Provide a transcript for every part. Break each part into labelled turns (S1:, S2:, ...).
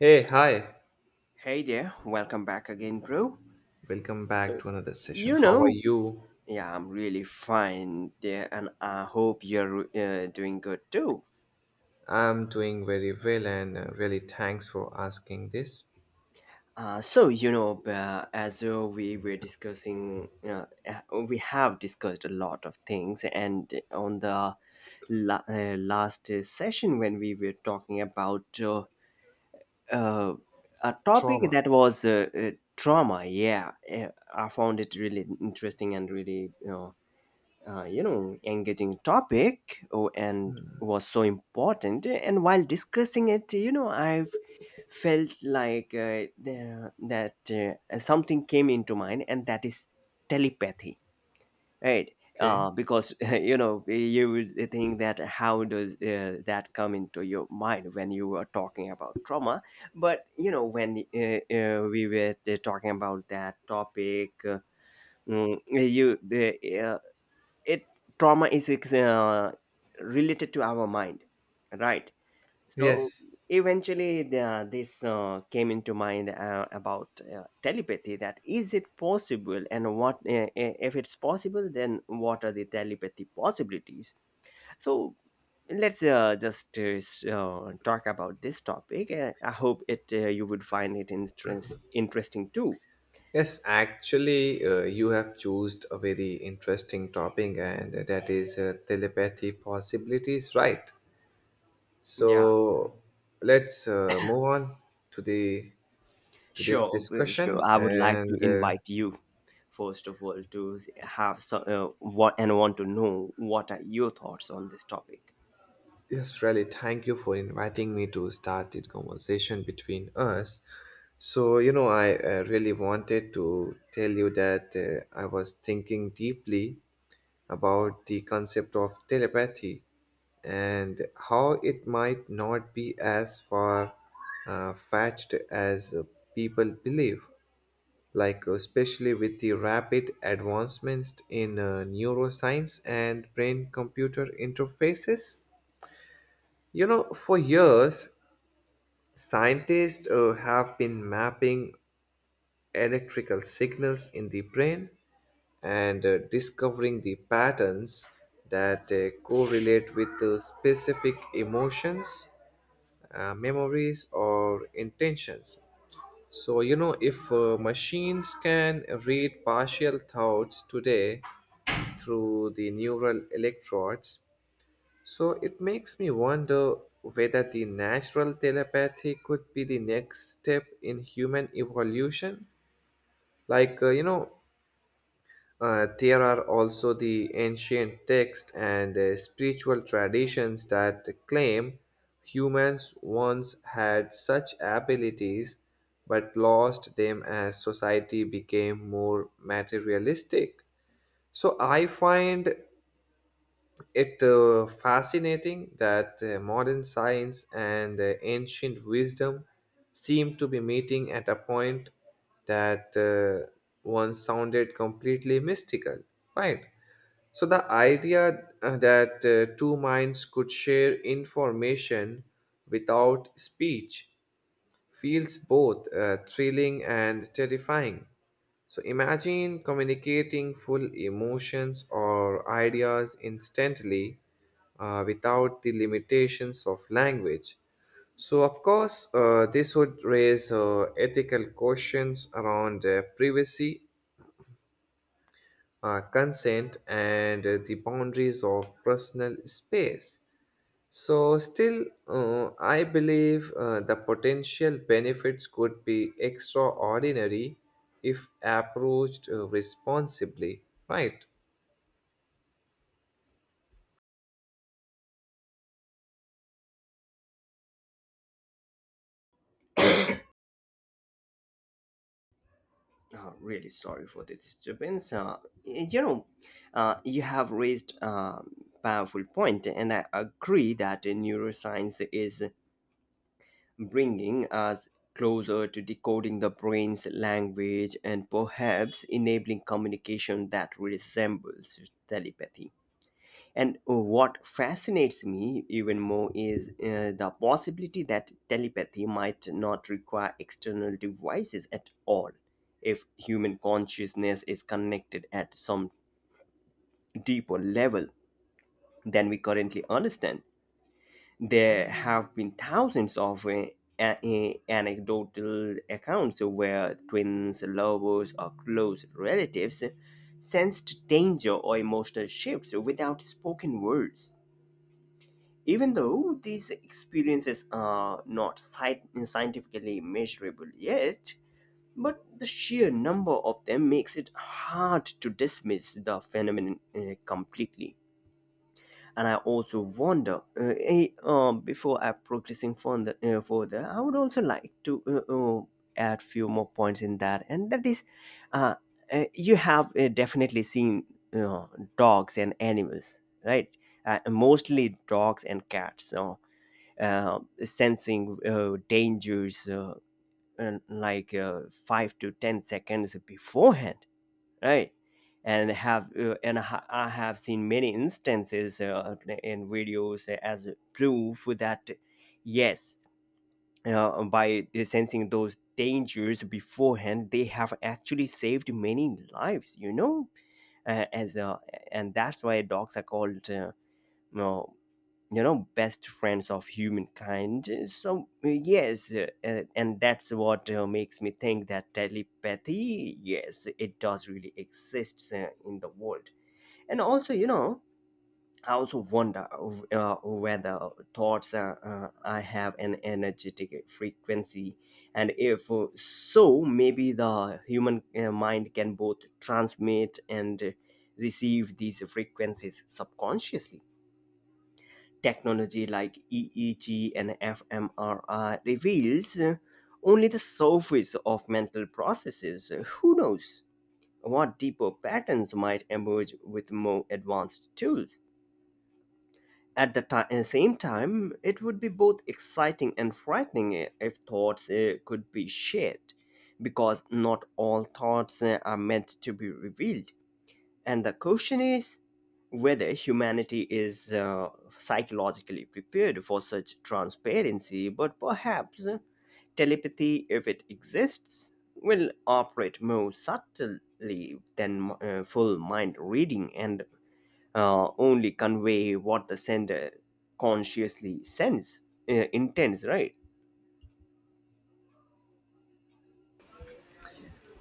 S1: Hey, hi.
S2: Hey there, welcome back again, bro.
S1: Welcome back
S2: So,
S1: to another session.
S2: you
S1: How are
S2: know,
S1: you?
S2: yeah, I'm really fine there, and I hope you're doing good too.
S1: I'm doing very well and really thanks for asking this.
S2: As we were discussing, we have discussed a lot of things, and on the last session when we were talking about uh, a topic
S1: Trauma,
S2: that was trauma, yeah, I found it really interesting and really, engaging topic oh, and was so important, and while discussing it, you know, I've felt like the- that something came into mind, and that is telepathy, right.
S1: okay?
S2: Because you know, you would think that how does that come into your mind when you were talking about trauma. But you know, when we were talking about that topic, Mm, you it, trauma is related to our mind, right? So
S1: Yes.
S2: eventually this came into mind about telepathy, that is it possible, and what if it's possible, then what are the telepathy possibilities? So let's just talk about this topic. I hope it you would find it interesting too.
S1: Yes, actually, you have chosen a very interesting topic and that is telepathy possibilities, right?
S2: Yeah.
S1: So, let's move on to the to this
S2: Sure, sure.
S1: discussion
S2: I would like to
S1: and
S2: invite you, first of all, to s- have so, what and want to know what are your thoughts on this topic.
S1: yes, really, thank you for inviting me to start the conversation between us. So, you know, I really wanted to tell you that I was thinking deeply about the concept of telepathy and how it might not be as far fetched as people believe. Like, especially with the rapid advancements in neuroscience and brain computer interfaces. You know, for years, scientists have been mapping electrical signals in the brain and discovering the patterns that correlate with the specific emotions, memories, or intentions. So, you know, if machines can read partial thoughts today through the neural electrodes, so it makes me wonder whether the natural telepathy could be the next step in human evolution. Like, you know, there are also the ancient texts and spiritual traditions that claim humans once had such abilities but lost them as society became more materialistic. So I find it fascinating that modern science and ancient wisdom seem to be meeting at a point that once sounded completely mystical, right? So the idea that two minds could share information without speech feels both thrilling and terrifying. So imagine communicating full emotions or ideas instantly without the limitations of language. So, of course, this would raise ethical questions around privacy, consent, and the boundaries of personal space. So, still, I believe the potential benefits could be extraordinary if approached responsibly, right?
S2: Really sorry for the disturbance. You know, you have raised a powerful point, and I agree that neuroscience is bringing us closer to decoding the brain's language and perhaps enabling communication that resembles telepathy. And what fascinates me even more is the possibility that telepathy might not require external devices at all if human consciousness is connected at some deeper level than we currently understand. There have been thousands of anecdotal accounts where twins, lovers, or close relatives sensed danger or emotional shifts without spoken words. Even though these experiences are not scientifically measurable yet, but the sheer number of them makes it hard to dismiss the phenomenon completely. And I also wonder, before I progressing further, I would also like to uh, add few more points in that, and that is, uh, you have definitely seen uh, dogs and animals, right? Mostly dogs and cats, so, sensing dangers and like 5 to 10 seconds beforehand, right? And I have seen many instances in videos as proof that yes, by sensing those dangers beforehand, they have actually saved many lives, you know, as and that's why dogs are called, you know, you know, best friends of humankind. So yes, and that's what makes me think that telepathy, yes, it does really exist in the world. And also, you know, I also wonder whether thoughts I have an energetic frequency, and if so, maybe the human mind can both transmit and receive these frequencies subconsciously. Technology like EEG and fMRI reveals only the surface of mental processes. Who knows what deeper patterns might emerge with more advanced tools? At the same time, it would be both exciting and frightening if thoughts could be shared, because not all thoughts are meant to be revealed. And the question is whether humanity is psychologically prepared for such transparency, but perhaps telepathy, if it exists, will operate more subtly than full mind reading and only convey what the sender consciously sends, intends, right?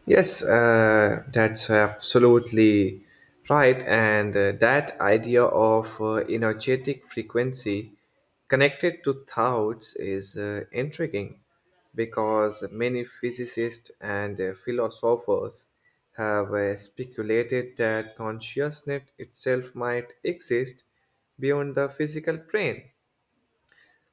S1: Yes, that's absolutely right. And that idea of energetic frequency connected to thoughts is intriguing because many physicists and philosophers have speculated that consciousness itself might exist beyond the physical brain.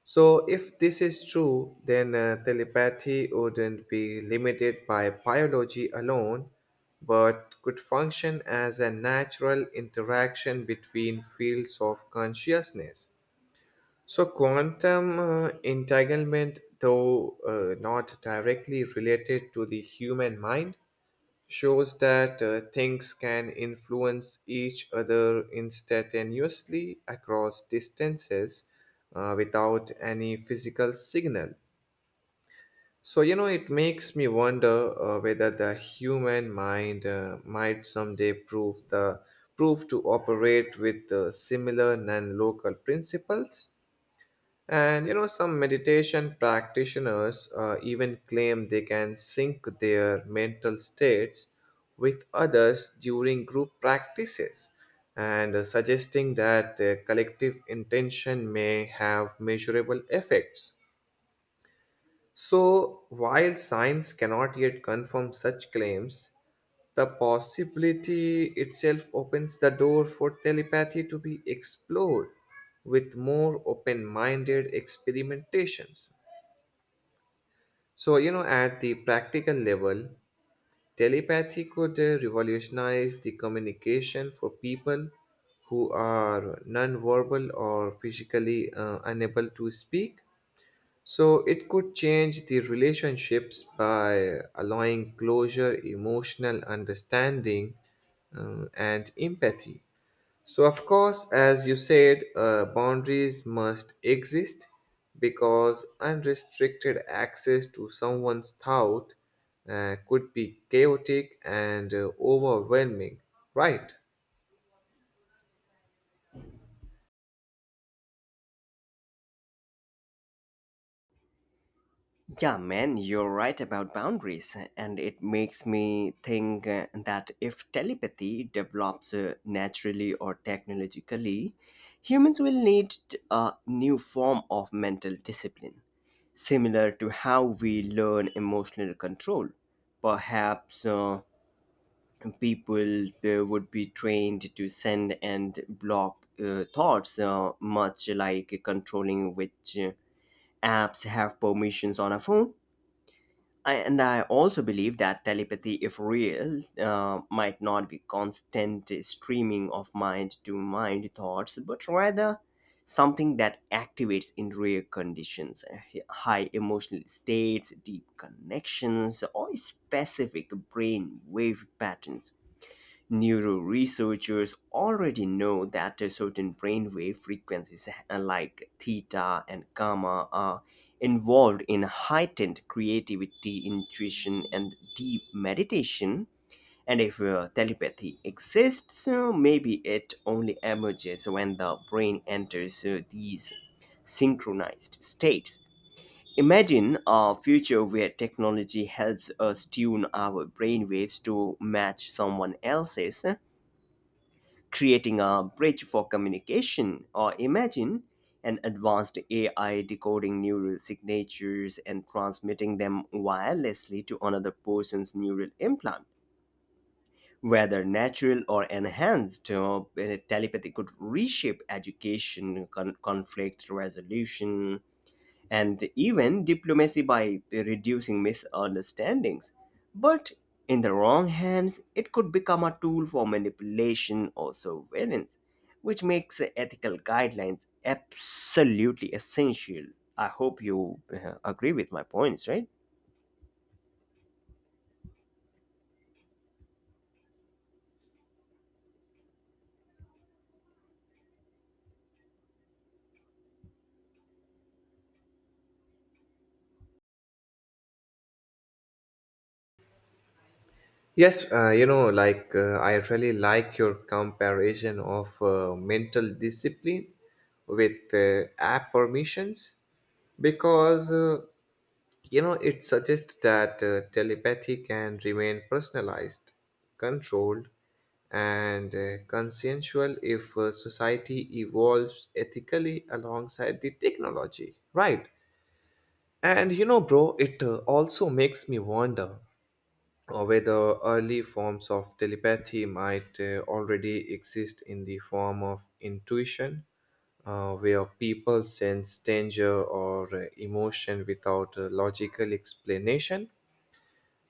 S1: So, if this is true, then telepathy wouldn't be limited by biology alone, but could function as a natural interaction between fields of consciousness. So, quantum entanglement, though not directly related to the human mind, shows that things can influence each other instantaneously across distances without any physical signal. So, you know, it makes me wonder whether the human mind might someday prove to operate with similar non-local principles, and you know, some meditation practitioners even claim they can sync their mental states with others during group practices, and suggesting that collective intention may have measurable effects. So, while science cannot yet confirm such claims, the possibility itself opens the door for telepathy to be explored with more open minded experimentations. So, you know, at the practical level, telepathy could revolutionize the communication for people who are nonverbal or physically unable to speak. So it could change the relationships by allowing closure, emotional understanding, and empathy. So, of course, as you said, boundaries must exist because unrestricted access to someone's thought could be chaotic and overwhelming, right?
S2: Yeah, man, you're right about boundaries, and it makes me think that if telepathy develops naturally or technologically, humans will need a new form of mental discipline, similar to how we learn emotional control. Perhaps people would be trained to send and block thoughts, much like controlling which apps have permissions on a phone. I, and I also believe that telepathy, if real, might not be constant streaming of mind to mind thoughts, but rather something that activates in rare conditions, high emotional states, deep connections, or specific brain wave patterns. Neuro researchers already know that a certain brainwave frequencies like theta and gamma are involved in heightened creativity, intuition, and deep meditation. And if telepathy exists, maybe it only emerges when the brain enters these synchronized states. Imagine a future where technology helps us tune our brainwaves to match someone else's, creating a bridge for communication. Or imagine an advanced AI decoding neural signatures and transmitting them wirelessly to another person's neural implant. Whether natural or enhanced, telepathy could reshape education, conflict resolution, and even diplomacy by reducing misunderstandings. But in the wrong hands, it could become a tool for manipulation or surveillance, which makes ethical guidelines absolutely essential. I hope you agree with my points, right?
S1: Yes, you know, like I really like your comparison of mental discipline with app permissions because you know it suggests that telepathy can remain personalized, controlled, and consensual if society evolves ethically alongside the technology, right? And you know, bro, it also makes me wonder or whether early forms of telepathy might already exist in the form of intuition, where people sense danger or emotion without a logical explanation.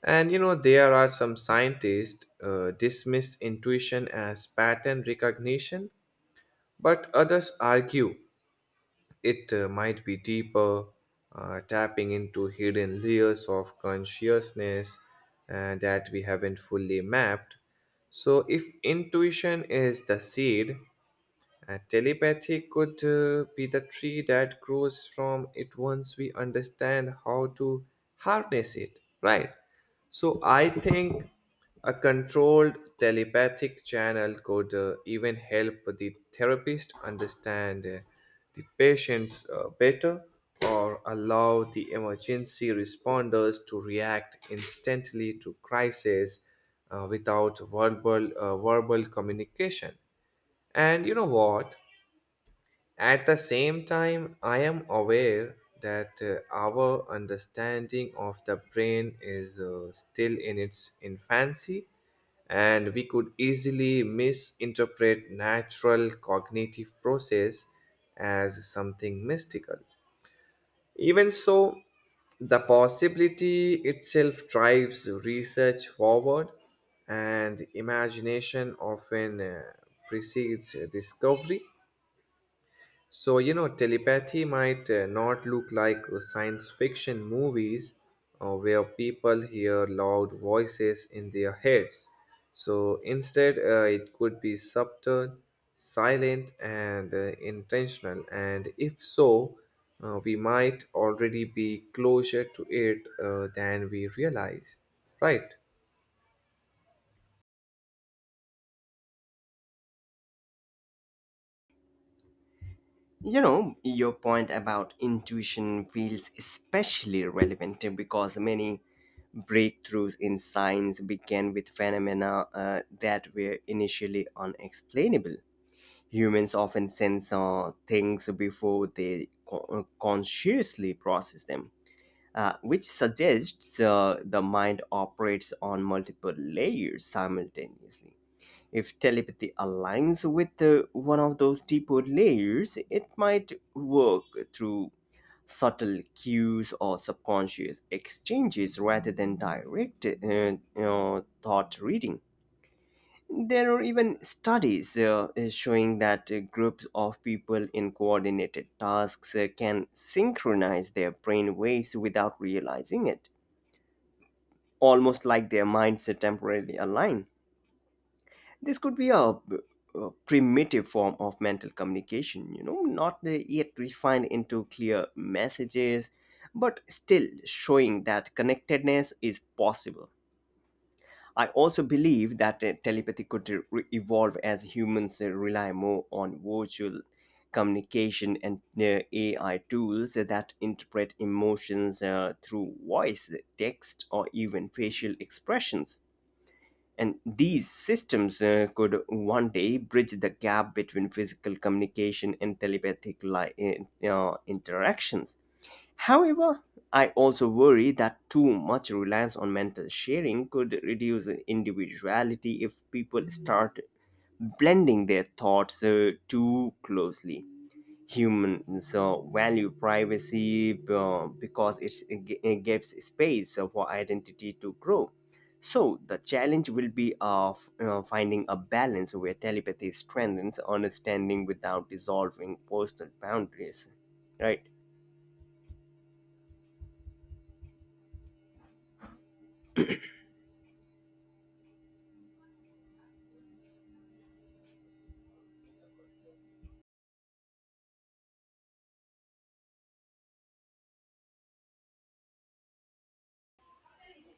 S1: And you know, there are some scientists dismiss intuition as pattern recognition, but others argue it might be deeper, tapping into hidden layers of consciousness that we haven't fully mapped. So, if intuition is the seed, and telepathy could be the tree that grows from it once we understand how to harness it, right? So I think a controlled telepathic channel could even help the therapist understand the patients better or allow the emergency responders to react instantly to crisis without verbal communication. And you know what? At the same time, I am aware that our understanding of the brain is still in its infancy, and we could easily misinterpret natural cognitive process as something mystical. Even so, the possibility itself drives research forward, and imagination often precedes discovery. So, you know, telepathy might not look like science fiction movies where people hear loud voices in their heads. So, instead, it could be subtle, silent, and intentional. And if so, we might already be closer to it than we realize, right?
S2: You know, your point about intuition feels especially relevant because many breakthroughs in science began with phenomena that were initially unexplainable. Humans often sense things before they consciously process them, which suggests the mind operates on multiple layers simultaneously. If telepathy aligns with one of those deeper layers, it might work through subtle cues or subconscious exchanges rather than direct thought reading. There are even studies showing that groups of people in coordinated tasks can synchronize their brain waves without realizing it, almost like their minds are temporarily align. This could be a primitive form of mental communication, you know, not yet refined into clear messages, but still showing that connectedness is possible. I also believe that telepathy could evolve as humans rely more on virtual communication and AI tools that interpret emotions through voice, text, or even facial expressions. And these systems could one day bridge the gap between physical communication and telepathic interactions. However, I also worry that too much reliance on mental sharing could reduce individuality if people start blending their thoughts too closely. Humans value privacy because it gives space for identity to grow. So, the challenge will be of finding a balance where telepathy strengthens understanding without dissolving personal boundaries. Right?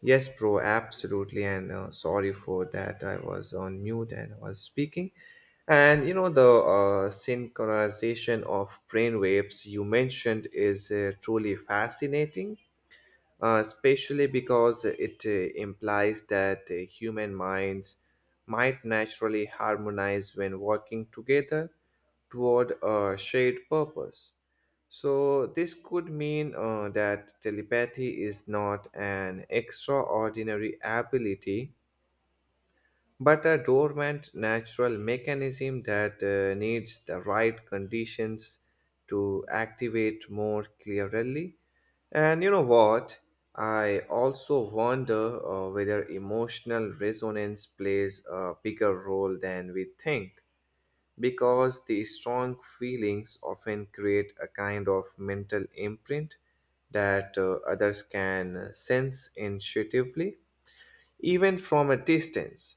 S1: Yes, bro, absolutely. And sorry for that. I was on mute and I was speaking. And you know, the synchronization of brain waves you mentioned is truly fascinating especially because it implies that human minds might naturally harmonize when working together toward a shared purpose. So, this could mean that telepathy is not an extraordinary ability but a dormant natural mechanism that needs the right conditions to activate more clearly. And you know what? I also wonder whether emotional resonance plays a bigger role than we think, because the strong feelings often create a kind of mental imprint that others can sense intuitively even from a distance.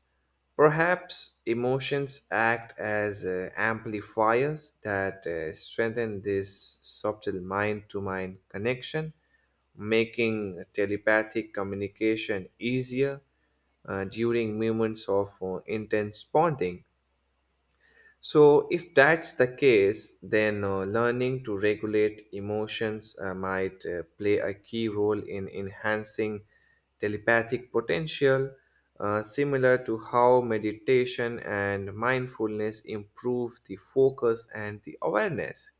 S1: Perhaps emotions act as amplifiers that strengthen this subtle mind to mind connection, making telepathic communication easier during moments of intense bonding. So, if that's the case, then learning to regulate emotions might play a key role in enhancing telepathic potential, similar to how meditation and mindfulness improve the focus and the awareness.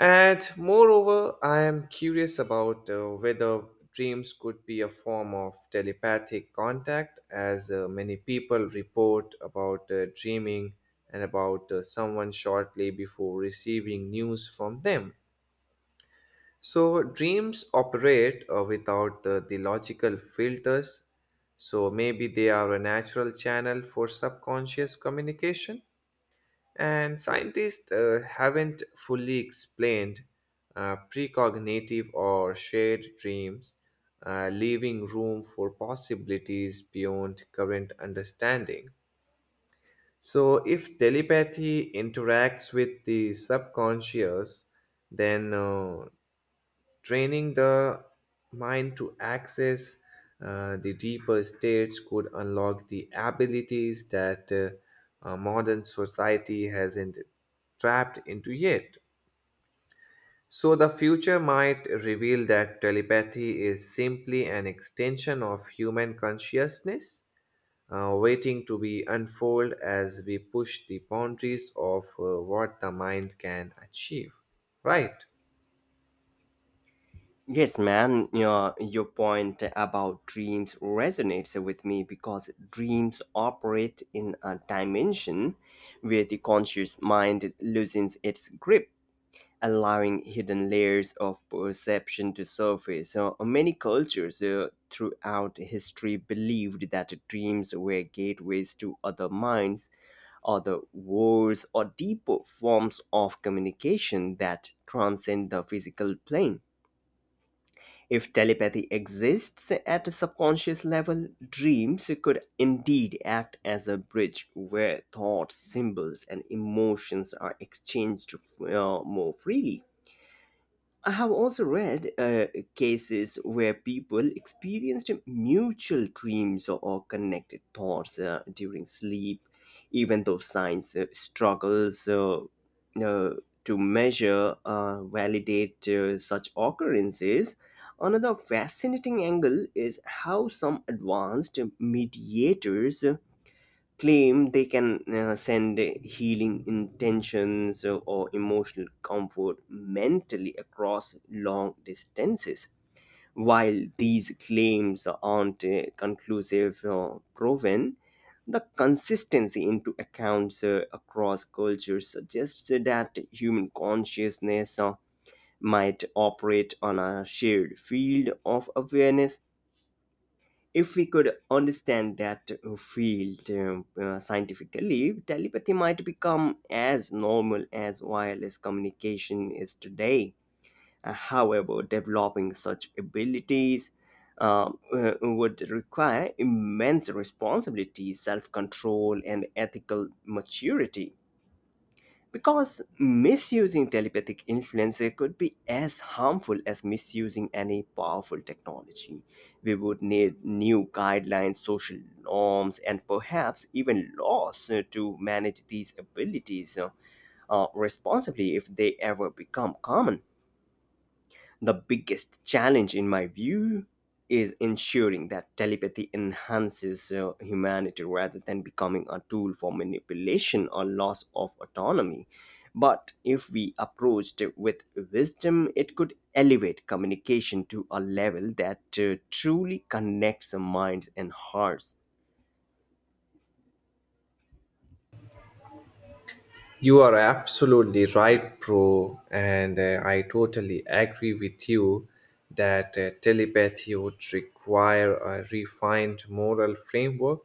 S1: And moreover, I am curious about whether dreams could be a form of telepathic contact, as many people report about dreaming and about someone shortly before receiving news from them. So, dreams operate without the logical filters, so maybe they are a natural channel for subconscious communication. And scientists haven't fully explained precognitive or shared dreams, leaving room for possibilities beyond current understanding. So, if telepathy interacts with the subconscious, then training the mind to access the deeper states could unlock the abilities that modern society hasn't trapped into yet. So, the future might reveal that telepathy is simply an extension of human consciousness, waiting to be unfolded as we push the boundaries of what the mind can achieve, right?
S2: Yes, man, your point about dreams resonates with me because dreams operate in a dimension where the conscious mind loosens its grip, allowing hidden layers of perception to surface. So, many cultures throughout history believed that dreams were gateways to other minds, other worlds, or deeper forms of communication that transcend the physical plane. If telepathy exists at a subconscious level, dreams could indeed act as a bridge where thoughts, symbols, and emotions are exchanged more freely. I have also read cases where people experienced mutual dreams or connected thoughts during sleep, even though science struggles uh, to validate such occurrences. Another fascinating angle is how some advanced mediators claim they can send healing intentions or emotional comfort mentally across long distances. While these claims aren't conclusive or proven, the consistency into accounts across cultures suggests that human consciousness might operate on a shared field of awareness. If we could understand that field scientifically, telepathy might become as normal as wireless communication is today. However, developing such abilities would require immense responsibility, self control, and ethical maturity. Because misusing telepathic influence could be as harmful as misusing any powerful technology. We would need new guidelines, social norms, and perhaps even laws to manage these abilities, responsibly, if they ever become common. The biggest challenge, in my view, is ensuring that telepathy enhances humanity rather than becoming a tool for manipulation or loss of autonomy. But if we approached it with wisdom, it could elevate communication to a level that truly connects minds and hearts.
S1: You are absolutely right, bro. And I totally agree with you that telepathy would require a refined moral framework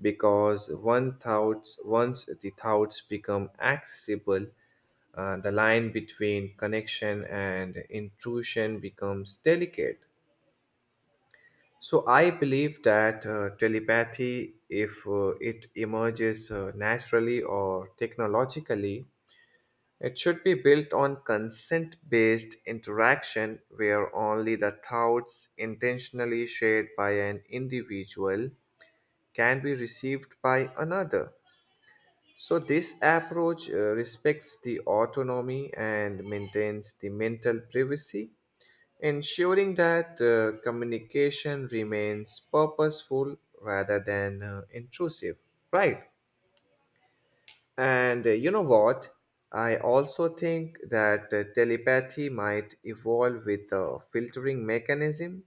S1: because once the thoughts become accessible, the line between connection and intrusion becomes delicate. So I believe that telepathy, if it emerges naturally or technologically, it should be built on consent based interaction where only the thoughts intentionally shared by an individual can be received by another. So, this approach respects the autonomy and maintains the mental privacy, ensuring that communication remains purposeful rather than intrusive. Right. And you know what? I also think that telepathy might evolve with a filtering mechanism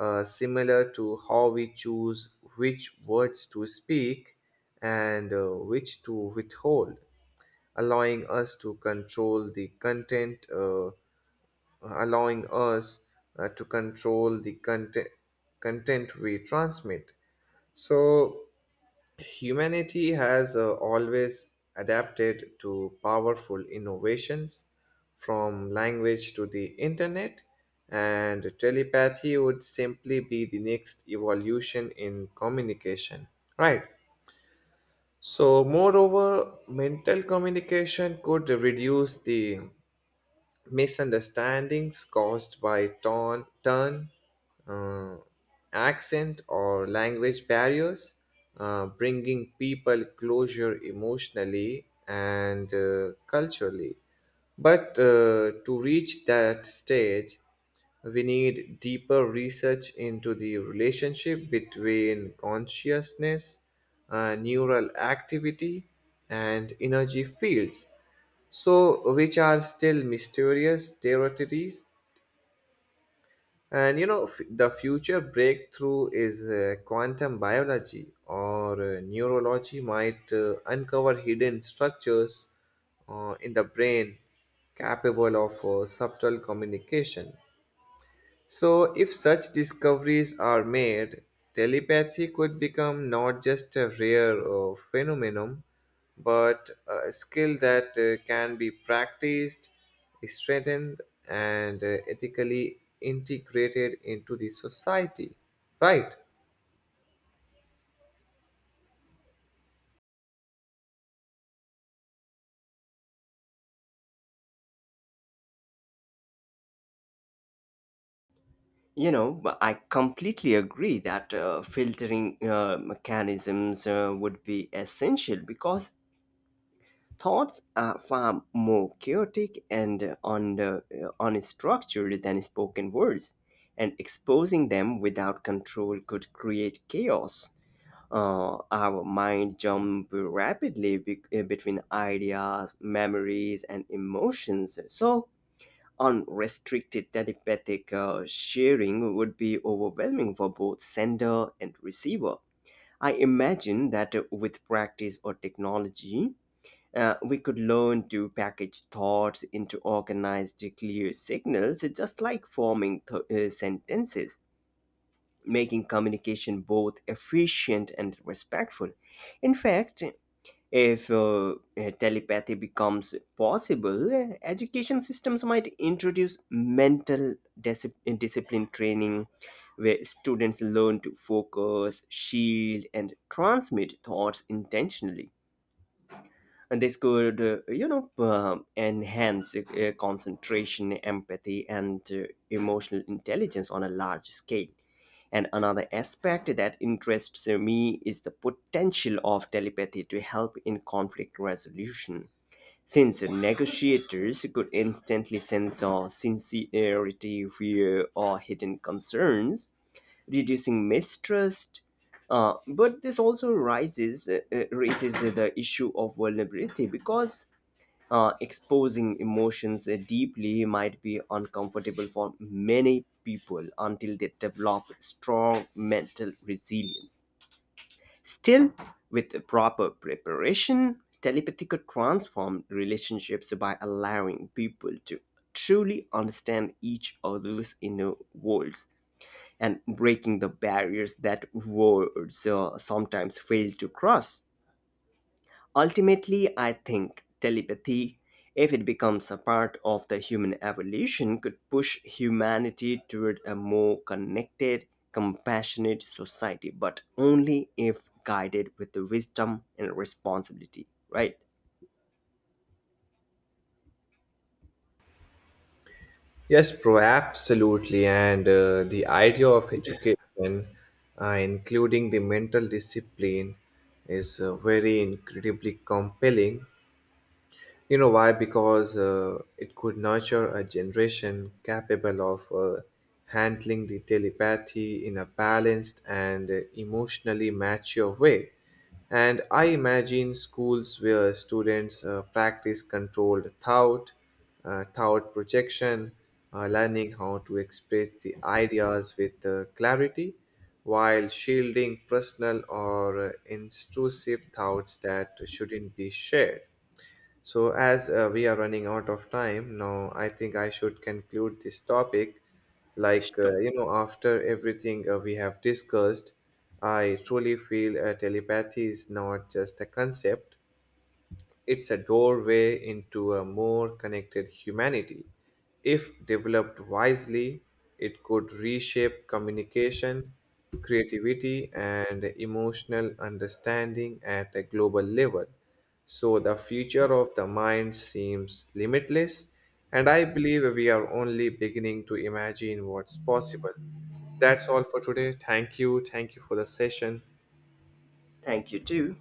S1: similar to how we choose which words to speak and which to withhold, allowing us to control the content, uh, allowing us to control the content we transmit. So, humanity has always adapted to powerful innovations from language to the internet, and telepathy would simply be the next evolution in communication. Right. So, moreover, mental communication could reduce the misunderstandings caused by tone uh, accent, or language barriers, bringing people closure emotionally and culturally. But to reach that stage, we need deeper research into the relationship between consciousness, neural activity, and energy fields, so which are still mysterious territories. And you know, the future breakthrough is quantum biology or neurology might uncover hidden structures in the brain capable of subtle communication. So, if such discoveries are made, telepathy could become not just a rare phenomenon, but a skill that can be practiced, strengthened, and ethically integrated into the society, right?
S2: You know, but I completely agree that filtering mechanisms would be essential, because thoughts are far more chaotic and unstructured than spoken words, and exposing them without control could create chaos. Our mind jump rapidly between ideas, memories, and emotions. So, unrestricted telepathic sharing would be overwhelming for both sender and receiver. I imagine that with practice or technology, we could learn to package thoughts into organized, clear signals, just like forming sentences, making communication both efficient and respectful. In fact, if telepathy becomes possible, education systems might introduce mental discipline training where students learn to focus, shield, and transmit thoughts intentionally. And this could enhance concentration, empathy, and emotional intelligence on a large scale. And another aspect that interests me is the potential of telepathy to help in conflict resolution, since negotiators could instantly sense our sincerity, fear, or hidden concerns, reducing mistrust. But this also rises raises the issue of vulnerability because exposing emotions deeply might be uncomfortable for many people until they develop strong mental resilience. Still, with the proper preparation, telepathy could transform relationships by allowing people to truly understand each other's inner worlds and breaking the barriers that words sometimes fail to cross. Ultimately, I think telepathy, if it becomes a part of the human evolution, could push humanity toward a more connected, compassionate society, but only if guided with the wisdom and responsibility, right?
S1: Yes, bro, absolutely. And the idea of education, including the mental discipline, is very incredibly compelling. You know why? Because it could nurture a generation capable of handling the telepathy in a balanced and emotionally mature way. And I imagine schools where students practice controlled thought projection, learning how to express the ideas with clarity while shielding personal or intrusive thoughts that shouldn't be shared. So, as we are running out of time now, I think I should conclude this topic. Like,
S2: Sure.
S1: you know, after everything we have discussed, I truly feel telepathy is not just a concept, it's a doorway into a more connected humanity. If developed wisely, it could reshape communication, creativity, and emotional understanding at a global level. So the future of the mind seems limitless, and I believe we are only beginning to imagine what's possible. That's all for today. Thank you. Thank you for the session.
S2: Thank you, too.